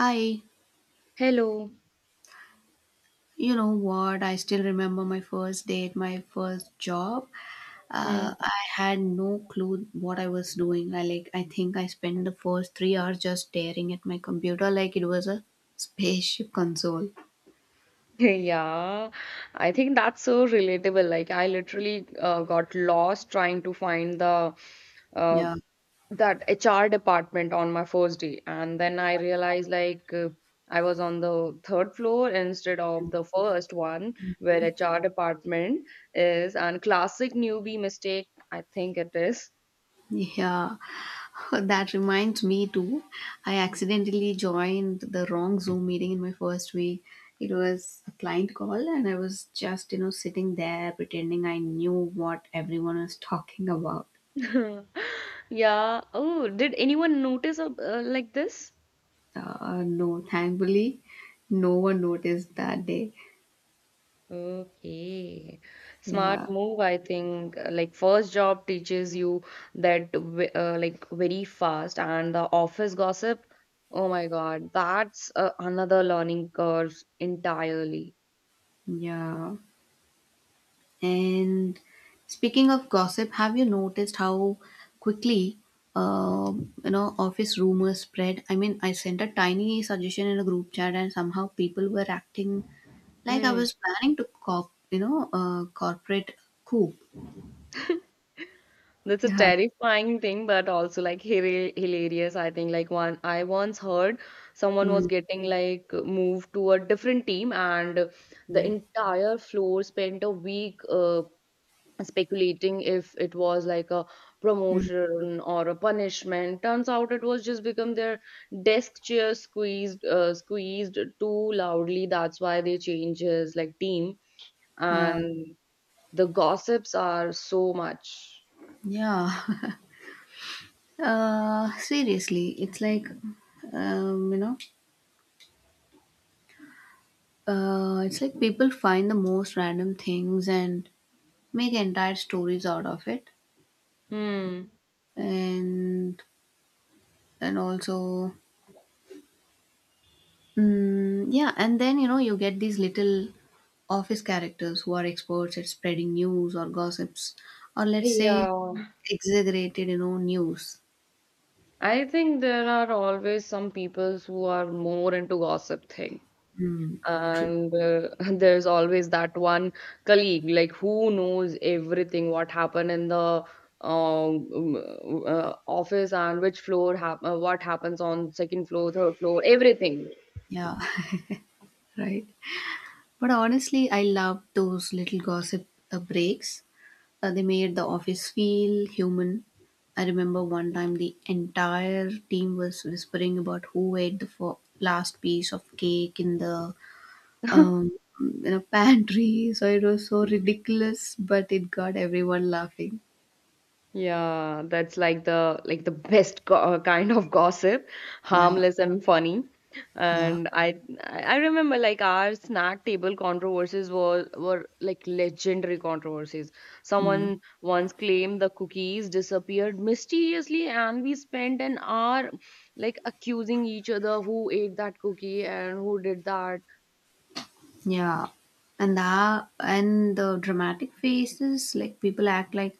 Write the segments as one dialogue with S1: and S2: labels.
S1: Hi,
S2: Hello.
S1: you know what? I still remember my first day at my first job.
S2: Mm.
S1: I had no clue what I was doing. I think I spent the first 3 hours just staring at my computer like it was a spaceship console.
S2: Yeah, I think that's so relatable. Like I literally got lost trying to find the uh,
S1: Yeah,
S2: that HR department on my first day, and then I realized I was on the third floor instead of the first one where HR department is. And classic newbie mistake, I think it is.
S1: yeah. That reminds me too. I accidentally joined the wrong Zoom meeting in my first week. It was a client call, and I was just sitting there pretending I knew what everyone was talking about.
S2: Yeah. Oh, did anyone notice like this?
S1: No, thankfully, no one noticed that day.
S2: Okay. Smart
S1: Yeah,
S2: move, I think. Like first job teaches you that like very fast, and the office gossip. Oh my God, that's another learning curve entirely.
S1: yeah. And speaking of gossip, have you noticed how quickly, uh office rumors spread? I mean, I sent a tiny suggestion in a group chat, and somehow people were acting like I
S2: Mm.
S1: was planning to corporate coup.
S2: That's a
S1: Yeah.
S2: terrifying thing, but also like hilarious. I think like one I once heard someone was
S1: Mm,
S2: getting like moved to a different team, and the entire floor spent a week speculating if it was like a
S1: mm,
S2: promotion or a punishment. Turns out it was just become their desk chair squeezed too loudly. That's why they change his like team,
S1: yeah.
S2: and the gossips are so much.
S1: Yeah. Seriously, um, you know, it's like people find the most random things and make entire stories out of it,
S2: Hmm.
S1: and and also, yeah, and then you get these little office characters who are experts at spreading news or gossips, or let's say
S2: Yeah,
S1: exaggerated, news.
S2: I think there are always some people who are more into gossip thing,
S1: Mm, true.
S2: and there's always that one colleague like who knows everything what happened in the office, and which floor what happens on second floor, third floor, everything.
S1: Yeah, right. But honestly, I love those little gossip breaks. They made the office feel human. I remember one time the entire team was whispering about who ate the last piece of cake in the pantry. So it was so ridiculous, but it got everyone laughing.
S2: Yeah, that's like the best go kind of gossip,
S1: Yeah,
S2: harmless and funny.
S1: yeah.
S2: And I remember like our snack table controversies were like legendary controversies.
S1: Mm.
S2: Someone once claimed the cookies disappeared mysteriously, and we spent an hour like accusing each other who ate that cookie and who did that.
S1: Yeah, and the dramatic faces, like people act like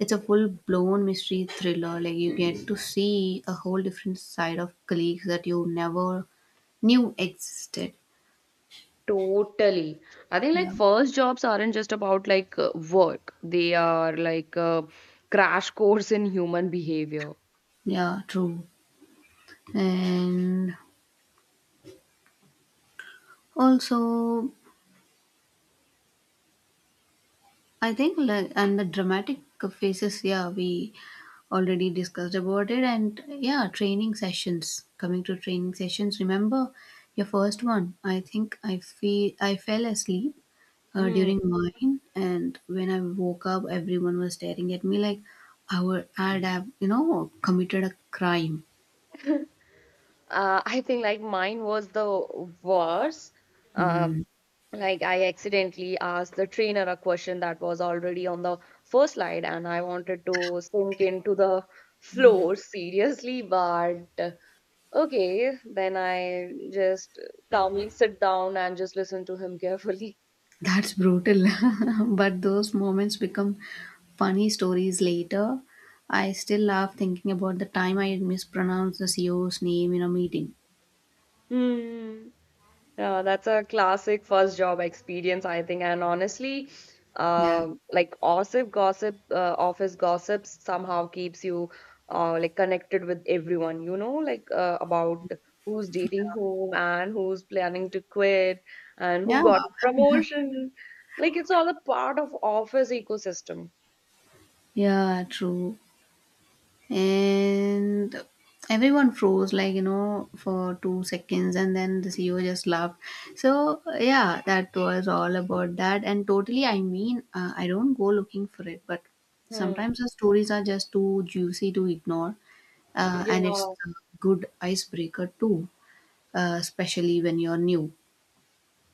S1: it's a full blown mystery thriller. Like you get to see a whole different side of colleagues that you never knew existed.
S2: Totally. I think like
S1: Yeah,
S2: first jobs aren't just about work. They are like a crash course in human behavior.
S1: yeah, true. And also, I think like and the dramatic phases, yeah, we already discussed about it, and yeah, training sessions. Coming to training sessions, remember your first one. I think I fell asleep
S2: Hmm.
S1: during mine, and when I woke up everyone was staring at me like I'd have, committed a crime.
S2: I think like mine was the worst. Um,
S1: Hmm.
S2: like I accidentally asked the trainer a question that was already on the first slide, and I wanted to sink into the floor seriously. But okay, then I just calmly sit down and just listen to him carefully.
S1: That's brutal. But those moments become funny stories later. I still laugh thinking about the time I mispronounced the CEO's name in a meeting.
S2: Hmm. Yeah, that's a classic first job experience, I think. And honestly,
S1: Yeah.
S2: office gossips somehow keeps you like connected with everyone, you know, about who's dating whom, and who's planning to quit, and who
S1: Yeah.
S2: got promotion. Like it's all a part of office ecosystem.
S1: Yeah, true. And everyone froze like for 2 seconds, and then the CEO just laughed. So yeah, that was all about that. And totally, I mean, I don't go looking for it, but
S2: Hmm.
S1: sometimes the stories are just too juicy to ignore, and it's
S2: Yeah.
S1: a good icebreaker too, especially when you're new.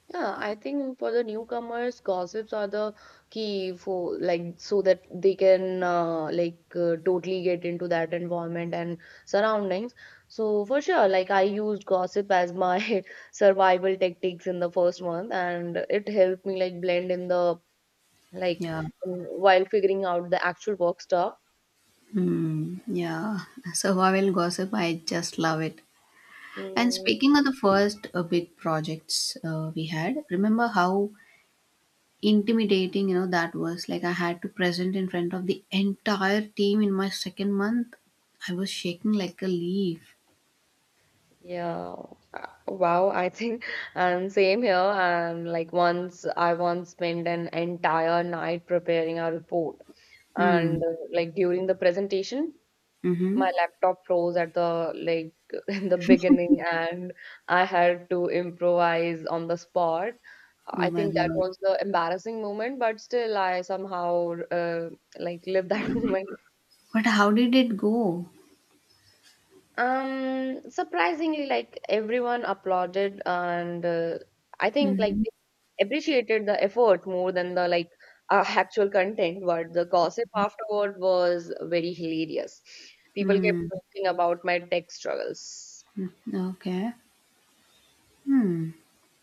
S2: Yeah, I think for the newcomers, gossips are the key for like so that they can totally get into that environment and surroundings. So for sure, like I used gossip as my survival tactics in the first month, and it helped me like blend in the like
S1: Yeah.
S2: while figuring out the actual work stuff.
S1: Hmm, yeah. So I will gossip, I just love it. And
S2: Mm,
S1: speaking of the first big projects we had, remember how intimidating that was? Like I had to present in front of the entire team in my second month. I was shaking like a leaf.
S2: yeah. Wow, I think and same here. And like once I once spent an entire night preparing a report. And
S1: Hmm.
S2: like during the presentation,
S1: Mm-hmm.
S2: my laptop froze at the like in the beginning, and I had to improvise on the spot.
S1: Oh
S2: I
S1: my
S2: think that
S1: god.
S2: was the embarrassing moment, but still I somehow like lived that moment.
S1: But how did it go?
S2: Surprisingly, like everyone applauded, and I think like
S1: Mm-hmm.
S2: they appreciated the effort more than the actual content. But the gossip afterward was very hilarious. People kept
S1: Hmm.
S2: joking about my tech struggles.
S1: Okay. Hmm.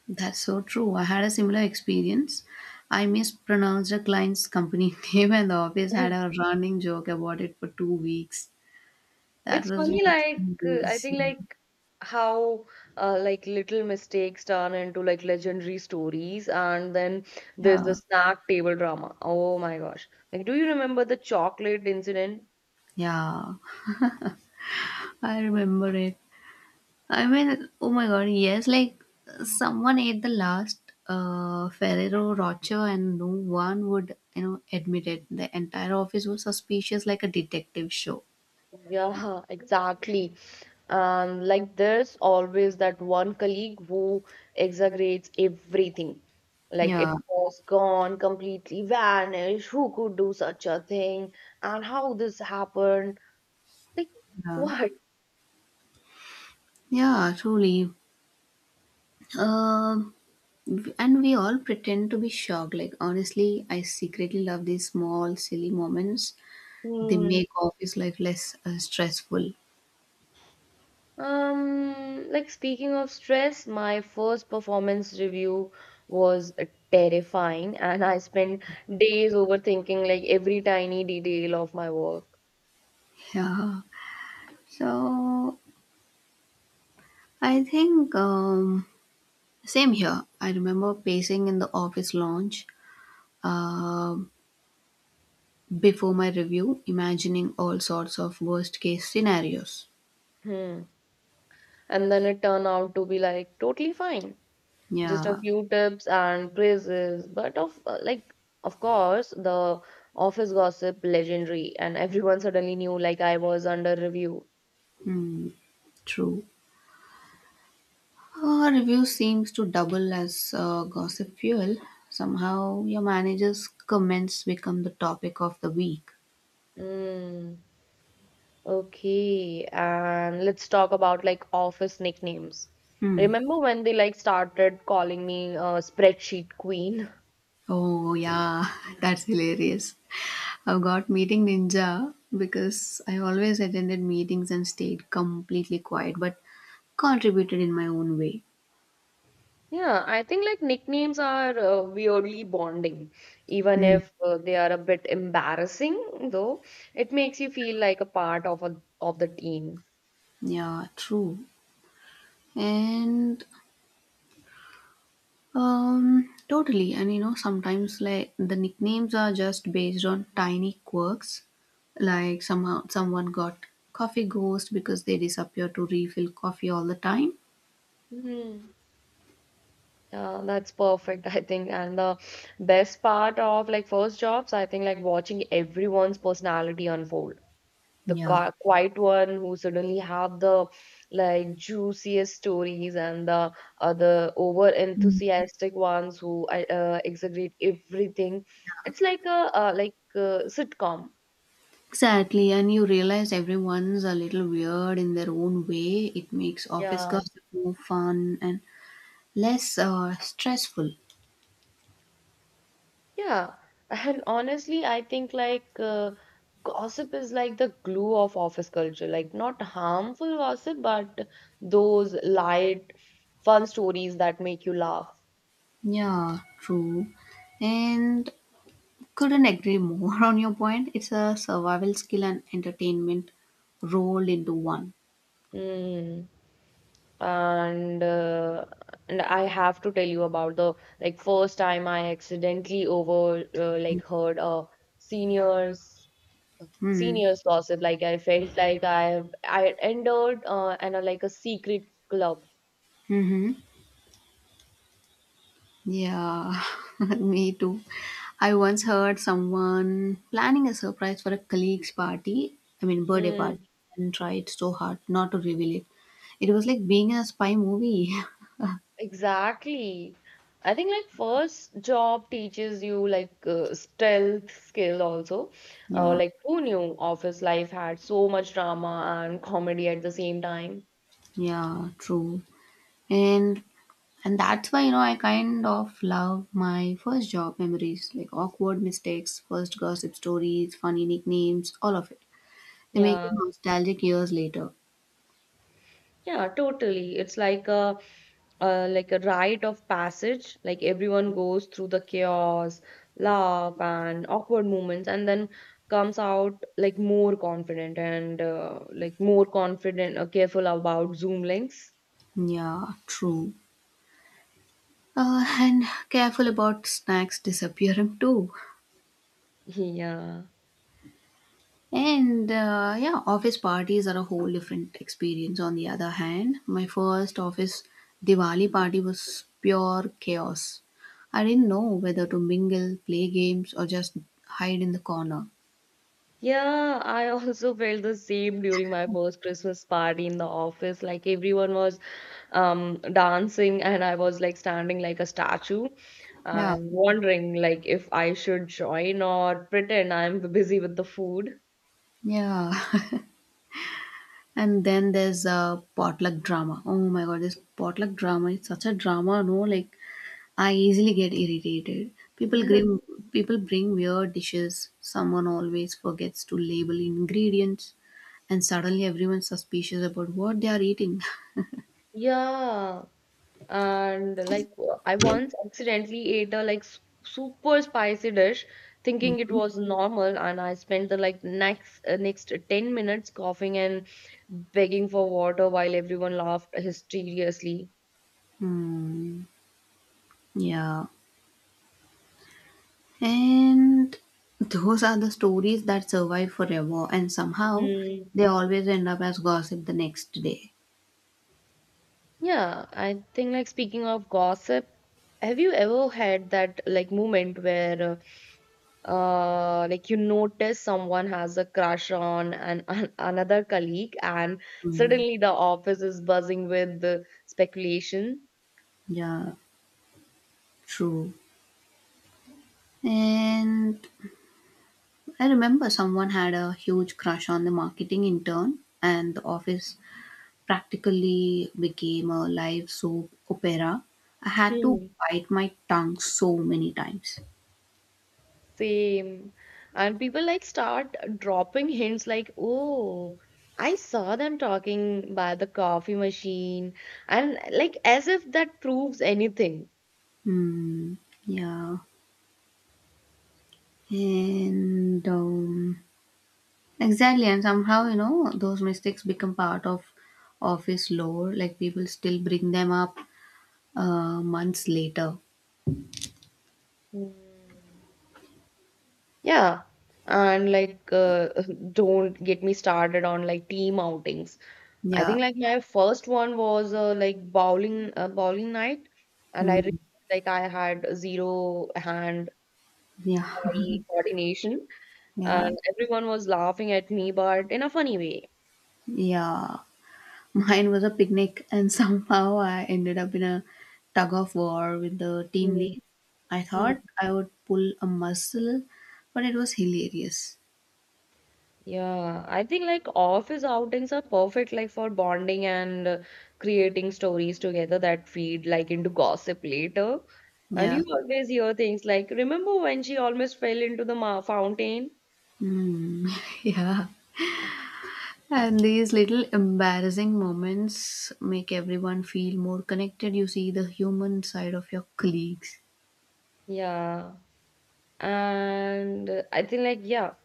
S1: That's so true. I had a similar experience. I mispronounced a client's company name, and the office had a running joke about it for 2 weeks. That
S2: It's
S1: was
S2: funny,
S1: late
S2: like
S1: in
S2: I
S1: these.
S2: think
S1: Yeah.
S2: like how like little mistakes turn into like legendary stories, and then there's the
S1: Yeah.
S2: snack table drama. Oh my gosh! Like, do you remember the chocolate incident?
S1: Yeah. I remember it. I mean, oh my god, yes, like someone ate the last Ferrero Rocher, and no one would, admit it. The entire office was suspicious like a detective show.
S2: Yeah, exactly. And like there's always that one colleague who exaggerates everything. Like it
S1: Yeah,
S2: was gone, completely vanished. Who could do such a thing? And how this happened? Like
S1: yeah,
S2: what?
S1: yeah, truly. Um, and we all pretend to be shocked. Like, honestly, I secretly love these small, silly moments. They
S2: Hmm.
S1: make office life less stressful.
S2: Like speaking of stress, my first performance review was terrifying, and I spent days overthinking like every tiny detail of my work.
S1: Yeah. So I think, same here. I remember pacing in the office lounge uh, before my review, imagining all sorts of worst case scenarios.
S2: Hmm. And then it turned out to be like totally fine, just a
S1: Yeah,
S2: few tips and praises, but of of course the office gossip legendary, and everyone suddenly knew like I was under review.
S1: hmm, true. Review seems to double as gossip fuel. Somehow your manager's comments become the topic of the week.
S2: Mm, okay, and let's talk about like office nicknames.
S1: Hmm.
S2: Remember when they like started calling me spreadsheet queen.
S1: Oh yeah, that's hilarious. I've got meeting ninja because I always attended meetings and stayed completely quiet but contributed in my own way.
S2: Yeah, I think like nicknames are weirdly bonding, even
S1: Mm.
S2: if they are a bit embarrassing, though it makes you feel like a part of of the team.
S1: Yeah, true. And totally, and sometimes like the nicknames are just based on tiny quirks, like somehow someone got coffee ghost because they disappear to refill coffee all the time.
S2: Hmm. Yeah, that's perfect, I think. And the best part of like first jobs, I think like watching everyone's personality unfold. The
S1: Yeah.
S2: quiet one who suddenly have the like juiciest stories, and the other over enthusiastic ones who exaggerate everything. It's like a sitcom.
S1: Exactly, and you realize everyone's a little weird in their own way. It makes office
S2: yeah
S1: gossip more fun and less stressful.
S2: yeah And honestly, I think gossip is like the glue of office culture, like not harmful gossip, but those light fun stories that make you laugh.
S1: Yeah, true. And couldn't agree more on your point. It's a survival skill and entertainment rolled into one.
S2: Mm. And and I have to tell you about the like first time I accidentally over like heard a seniors
S1: Hmm.
S2: seniors gossip. Like I felt like I had entered and like a secret club.
S1: Mm-hmm. Yeah, me too. I once heard someone planning a surprise for a colleague's party, I mean, birthday party,
S2: Mm,
S1: and tried so hard not to reveal it. It was like being in a spy movie.
S2: exactly. I think like first job teaches you stealth skill also.
S1: Yeah,
S2: Like who knew office life had so much drama and comedy at the same time?
S1: yeah, true. And and that's why I kind of love my first job memories, like awkward mistakes, first gossip stories, funny nicknames, all of it. They make you
S2: Yeah.
S1: nostalgic years later.
S2: Yeah, totally. It's like a rite of passage. Like everyone goes through the chaos, laugh, and awkward moments, and then comes out like more confident, and careful about Zoom links.
S1: Yeah, true. And careful about snacks disappearing too.
S2: Yeah.
S1: And yeah, office parties are a whole different experience. On the other hand, my first office Diwali party was pure chaos. I didn't know whether to mingle, play games, or just hide in the corner.
S2: Yeah, I also felt the same during my first Christmas party in the office. Like everyone was dancing, and I was like standing like a statue
S1: Yeah,
S2: and wondering like if I should join or pretend I'm busy with the food.
S1: yeah. And then there's a potluck drama. Oh my god, this potluck drama is such a drama, no? Like I easily get irritated. People bring people bring weird dishes. Someone always forgets to label ingredients, and suddenly everyone's suspicious about what they are eating.
S2: Yeah, and like I once accidentally ate a like super spicy dish, thinking it
S1: Mhm.
S2: was normal, and I spent the next 10 minutes coughing and begging for water while everyone laughed hysteriously.
S1: Hmm. Yeah. And those are the stories that survive forever, and somehow
S2: Mm.
S1: they always end up as gossip the next day.
S2: Yeah, I think like speaking of gossip, have you ever had that like moment where like you notice someone has a crush on an another colleague, and
S1: Mm,
S2: suddenly the office is buzzing with the speculation?
S1: yeah, true. And I remember someone had a huge crush on the marketing intern, and the office practically became a live soap opera. I had to
S2: Hmm.
S1: bite my tongue so many times.
S2: Same. And people like start dropping hints like, "Oh, I saw them talking by the coffee machine," and like as if that proves anything.
S1: Hmm. Yeah. And exactly. And somehow, those mistakes become part of office lore. Like people still bring them up months later.
S2: Hmm. Yeah, and like, don't get me started on like team outings. I
S1: Yeah.
S2: think like my first one was bowling night, and I
S1: Hmm.
S2: realized like I had zero hand
S1: Yeah.
S2: eye coordination,
S1: Yeah.
S2: and everyone was laughing at me, but in a funny way.
S1: Yeah. Mine was a picnic, and somehow I ended up in a tug of war with the team
S2: Mm.
S1: lead. I thought I would pull a muscle, but it was hilarious.
S2: Yeah, I think like office outings are perfect like for bonding, and creating stories together that feed like into gossip later. And
S1: Yeah.
S2: you always hear things like, remember when she almost fell into the ma fountain?
S1: Hmm. Yeah. And these little embarrassing moments make everyone feel more connected. You see the human side of your colleagues.
S2: Yeah. And I think like yeah,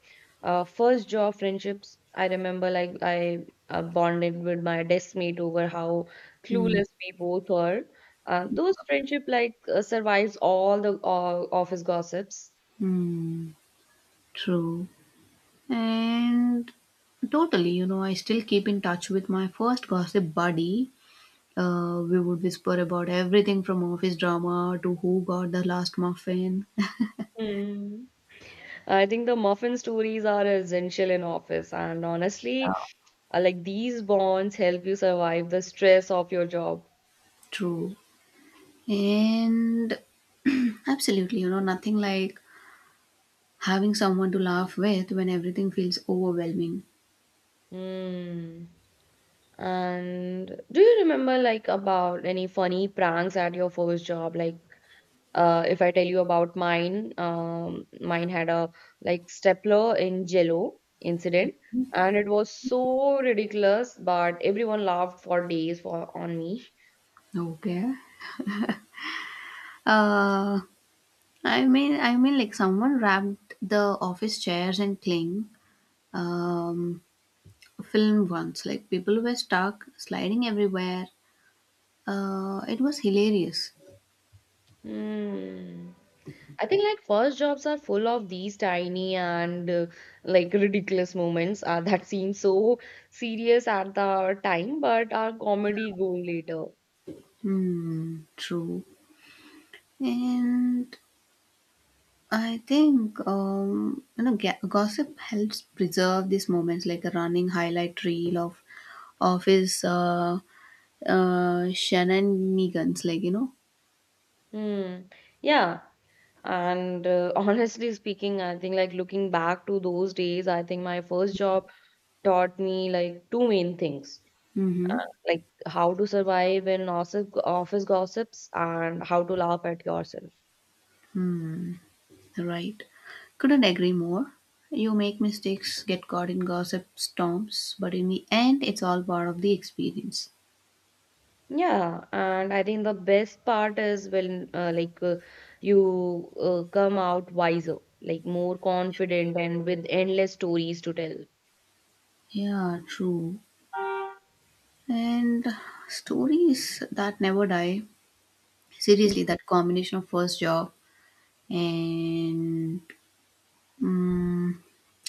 S2: uh, first job friendships. I remember like I bonded with my desk mate over how
S1: Hmm.
S2: clueless we both were. Those friendship survives all the office gossips.
S1: Hmm. True. And totally, I still keep in touch with my first gossip buddy. We would whisper about everything from office drama to who got the last muffin.
S2: Mm. I think the muffin stories are essential in office, and honestly, like these bonds help you survive the stress of your job.
S1: True. And absolutely, nothing like having someone to laugh with when everything feels overwhelming.
S2: Mm. And do you remember like about any funny pranks at your first job? Like, if I tell you about mine, mine had a like stapler in Jello incident, and it was so ridiculous, but everyone laughed for days for on me.
S1: Okay. Uh, I mean, like someone wrapped the office chairs in cling um, film once. Like people were stuck, sliding everywhere. It was hilarious.
S2: Mm. I think like first jobs are full of these tiny and like ridiculous moments that seem so serious at the time, but are comedy gold later.
S1: Hmm, true. And I think, gossip helps preserve these moments, like a running highlight reel of his shenanigans. Like you know,
S2: Hmm. Yeah. And honestly speaking, I think like looking back to those days, I think my first job taught me like two main things. Uh,
S1: mm-hmm.
S2: like how to survive in office gossips, and how to laugh at yourself.
S1: Hmm, right. Couldn't agree more. You make mistakes, get caught in gossip storms, but in the end, it's all part of the experience.
S2: Yeah, and I think the best part is when you come out wiser, like more confident and with endless stories to tell.
S1: Yeah, true. And stories that never die. Seriously, that combination of first job and Mm,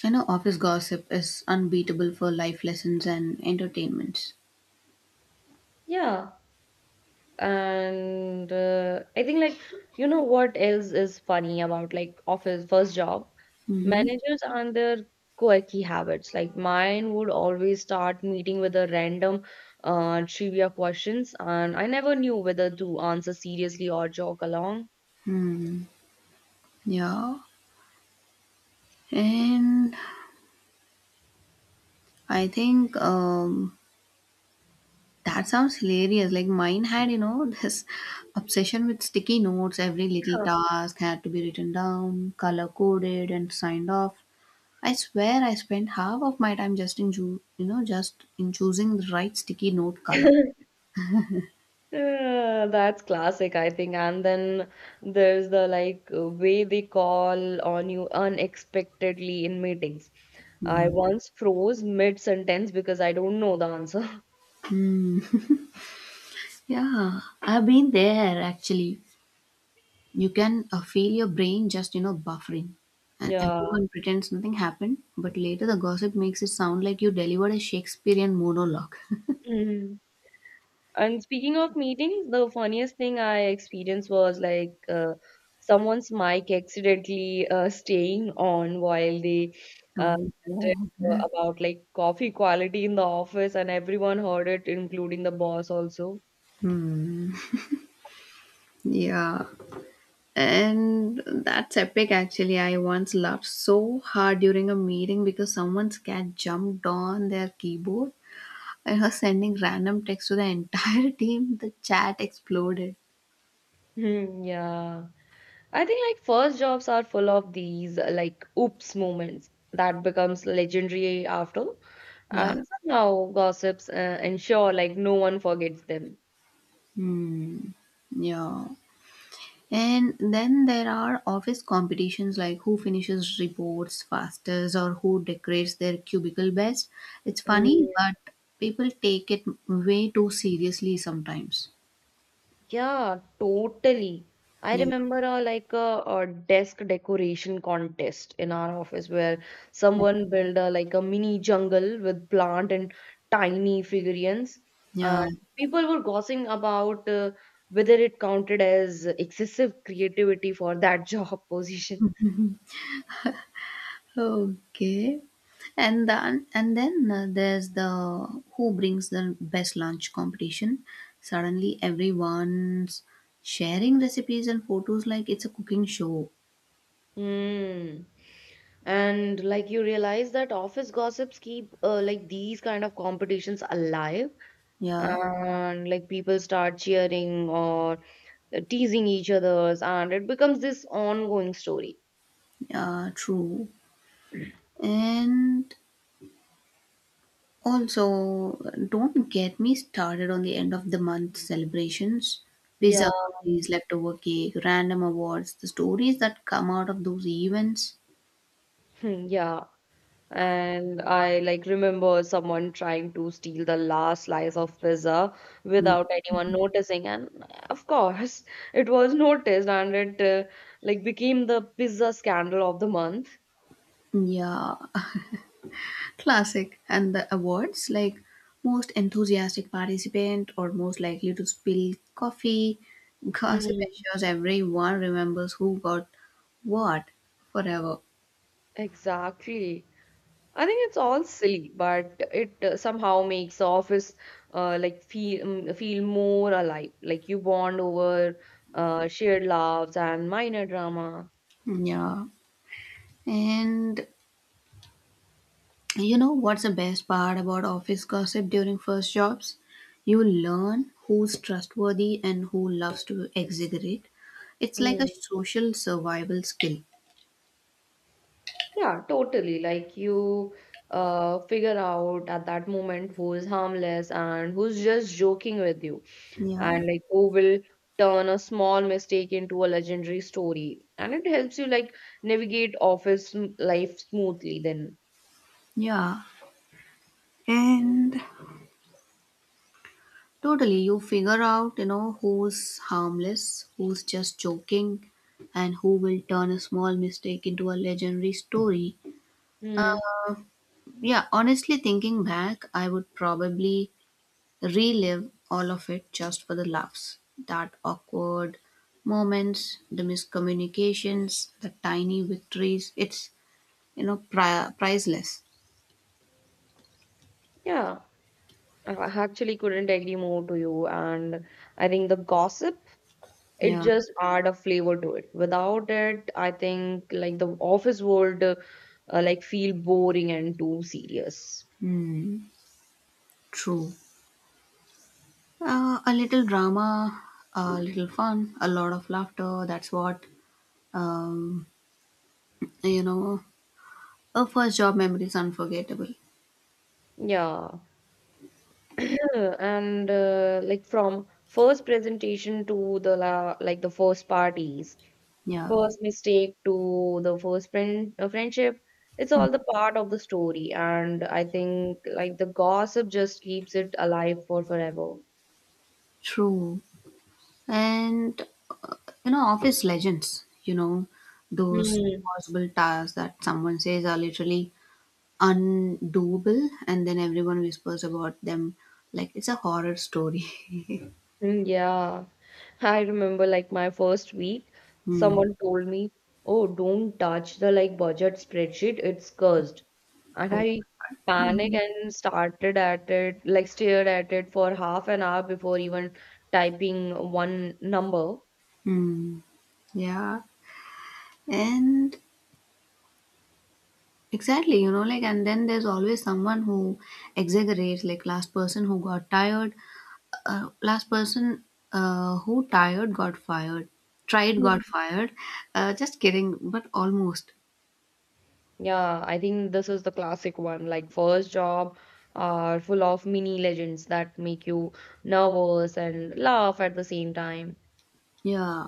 S1: I know office gossip is unbeatable for life lessons and entertainments.
S2: Yeah, and I think like you know what else is funny about like office first job?
S1: Hmm.
S2: Managers and their quirky habits. Like mine would always start meeting with a random trivia questions, and I never knew whether to answer seriously or joke along.
S1: Hmm. Yeah. And I think, that sounds hilarious. Like mine had, this obsession with sticky notes. Every little task had to be written down, color coded, and signed off. I swear I spent half of my time just in choosing the right sticky note color.
S2: Huh. That's classic, I think. And then there's the way they call on you unexpectedly in meetings. I
S1: Hmm.
S2: once froze mid-sentence because I don't know the answer.
S1: Yeah, I've been there actually. You can feel your brain just, buffering. And
S2: Yeah.
S1: everyone pretends nothing happened, but later the gossip makes it sound like you delivered a Shakespearean monologue.
S2: Mhm. And speaking of meetings, the funniest thing I experienced was like someone's mic accidentally staying on while they uh,
S1: Oh,
S2: ranted,
S1: God.
S2: about like coffee quality in the office, and everyone heard it, including the boss also.
S1: Hmm. Yeah. And that's epic, actually. I once laughed so hard during a meeting because someone's cat jumped on their keyboard and was sending random text to the entire team. The chat exploded.
S2: Hmm, yeah. I think like first jobs are full of these like oops moments that becomes legendary after,
S1: Yeah.
S2: and somehow gossips ensure like no one forgets them.
S1: Hmm. Yeah. And then there are office competitions like who finishes reports fastest or who decorates their cubicle best. It's funny, but people take it way too seriously sometimes.
S2: Yeah, totally. I
S1: Yeah,
S2: remember like a desk decoration contest in our office where
S1: yeah,
S2: someone built like a mini jungle with plant and tiny figurines. Uh,
S1: yeah.
S2: People were gossiping about whether it counted as excessive creativity for that job position.
S1: Okay. And then there's the who brings the best lunch competition. Suddenly everyone's sharing recipes and photos like it's a cooking show.
S2: Hmm. And like you realize that office gossips keep like these kind of competitions alive,
S1: Yeah,
S2: and like people start cheering or teasing each others and it becomes this ongoing story.
S1: yeah, true. And also, don't get me started on the end of the month celebrations,
S2: Yeah.
S1: pizza parties, leftover cake, random awards, the stories that come out of those events.
S2: Hmm, yeah, and I like remember someone trying to steal the last slice of pizza
S1: Mm,
S2: without anyone noticing, and of course it was noticed and it like became the pizza scandal of the month.
S1: yeah, classic. And the awards like most enthusiastic participant or most likely to spill coffee, gossip
S2: Hmm.
S1: ensures everyone remembers who got what forever.
S2: Exactly. I think it's all silly, but it somehow makes the office like feel feel more alive. Like you bond over shared laughs and minor drama.
S1: Yeah. And you know what's the best part about office gossip during first jobs? You learn who's trustworthy and who loves to exaggerate. It's like a
S2: Mm.
S1: social survival skill.
S2: Yeah, totally. Like you figure out at that moment who's harmless and who's just joking with you,
S1: Yeah.
S2: and like who will turn a small mistake into a legendary story. And it helps you like navigate office life smoothly then.
S1: Yeah. And totally you figure out, who's harmless, who's just joking, and who will turn a small mistake into a legendary story.
S2: Mm.
S1: Yeah, honestly thinking back, I would probably relive all of it just for the laughs. That awkward moments, the miscommunications, the tiny victories. It's, priceless.
S2: Yeah. I actually couldn't agree more to you. And I think the gossip, it
S1: Yeah.
S2: just add a flavor to it. Without it, I think like the office world like feel boring and too serious.
S1: Hmm. True. A little drama, a little fun, a lot of laughter. That's what, um, you know, a first job memory is unforgettable.
S2: Yeah. And like from first presentation to the la like the first parties,
S1: Yeah.
S2: first mistake to the first friend friendship, it's all the part of the story. And I think like the gossip just keeps it alive for forever.
S1: True. And uh, office legends, those
S2: Mm,
S1: possible tasks that someone says are literally undoable, and then everyone whispers about them like it's a horror story.
S2: yeah. I remember like my first week,
S1: Hmm.
S2: someone told me, "Oh, don't touch the like budget spreadsheet, it's cursed." And
S1: Oh.
S2: I panicked
S1: Mhm.
S2: and started at it, like stared at it for half an hour before even typing one number.
S1: Hmm. Yeah. And exactly, like, and then there's always someone who exaggerates, like, last person who got tired, last person who tired got fired, tried got
S2: Mm.
S1: fired, just kidding but almost.
S2: Yeah, I think this is the classic one. Like first job are full of mini legends that make you nervous and laugh at the same time.
S1: Yeah.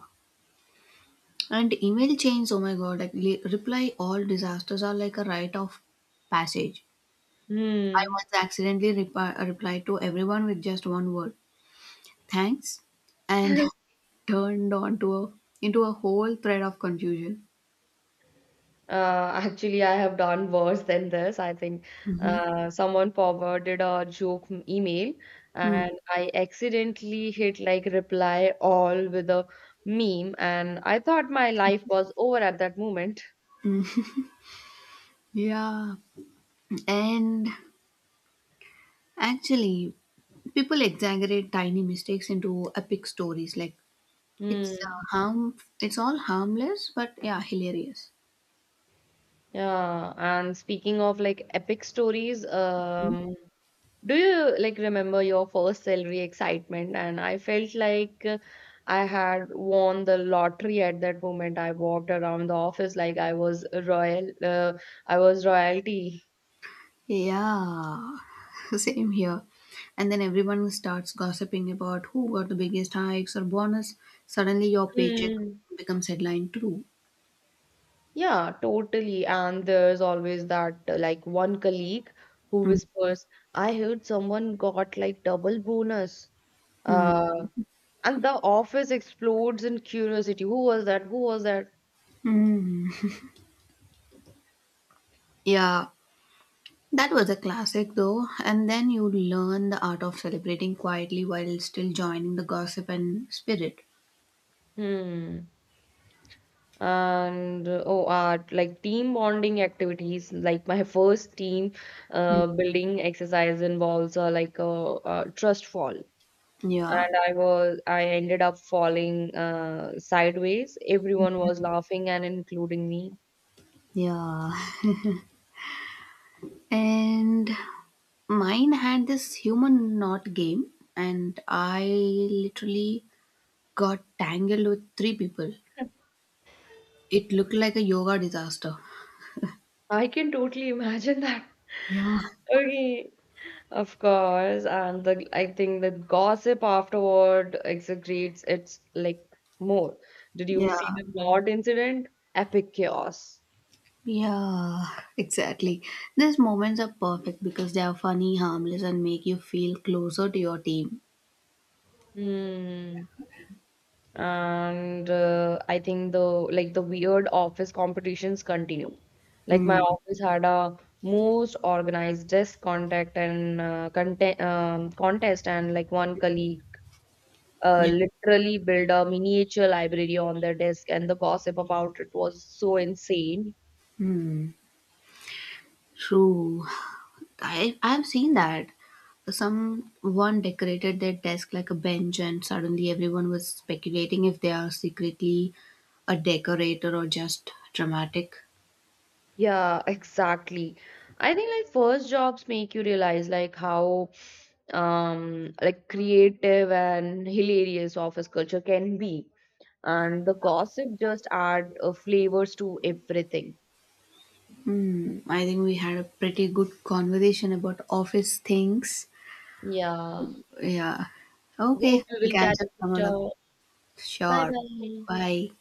S1: And email chains, oh my god, like reply all disasters are like a rite of passage. I
S2: Hmm.
S1: once accidentally replied to everyone with just one word, thanks, and turned on to a into a whole thread of confusion.
S2: Actually, I have done worse than this. I think someone forwarded a joke email,
S1: Hmm,
S2: and I accidentally hit like reply all with a meme, and I thought my life was over at that moment.
S1: yeah. And actually, people exaggerate tiny mistakes into epic stories. Like it's uh,
S2: Hmm.
S1: harm, it's all harmless, but yeah, hilarious.
S2: Yeah, and speaking of like epic stories, do you like remember your first salary excitement? And I felt like I had won the lottery at that moment. I walked around the office like I was I was royalty.
S1: Yeah, same here. And then everyone starts gossiping about who got the biggest hikes or bonus. Suddenly, your paycheck
S2: Mm.
S1: becomes headline too.
S2: Yeah, totally. And there's always that like one colleague who
S1: Mm.
S2: whispers, I heard someone got like double bonus.
S1: Mm.
S2: Uh, and the office explodes in curiosity. Who was that? Who was that?
S1: Mm. Yeah, that was a classic though. And then you learn the art of celebrating quietly while still joining the gossip and spirit.
S2: Hmm. And oh art like team bonding activities, like my first team
S1: Mm.
S2: building exercise involves like a trust fall,
S1: Yeah.
S2: and I ended up falling sideways, everyone was laughing and including me.
S1: Yeah, and mine had this human knot game, and I literally got tangled with three people. It looked like a yoga disaster.
S2: I can totally imagine that.
S1: Yeah,
S2: Okay. Of course, and the I think the gossip afterward exaggerates, it's like more. Did you
S1: yeah,
S2: see the knot incident? Epic chaos.
S1: yeah, exactly. These moments are perfect because they are funny, harmless, and make you feel closer to your team.
S2: Hmm. And I think the like the weird office competitions continue. Like my
S1: Mm.
S2: office had a most organized desk contact and content contest, and like one colleague
S1: Yeah.
S2: literally built a miniature library on their desk, and the gossip about it was so insane.
S1: Mm. True. I've seen that. Someone decorated their desk like a bench, and suddenly everyone was speculating if they are secretly a decorator or just dramatic.
S2: Yeah, exactly. I think like first jobs make you realize like how like creative and hilarious office culture can be. And the gossip just add flavors to everything.
S1: Hmm, I think we had a pretty good conversation about office things.
S2: Yeah.
S1: Yeah. Okay,
S2: Hope you
S1: we'll
S2: will
S1: catch
S2: catch
S1: up
S2: up
S1: some other.
S2: later. Bye
S1: Sure.
S2: bye.
S1: Bye.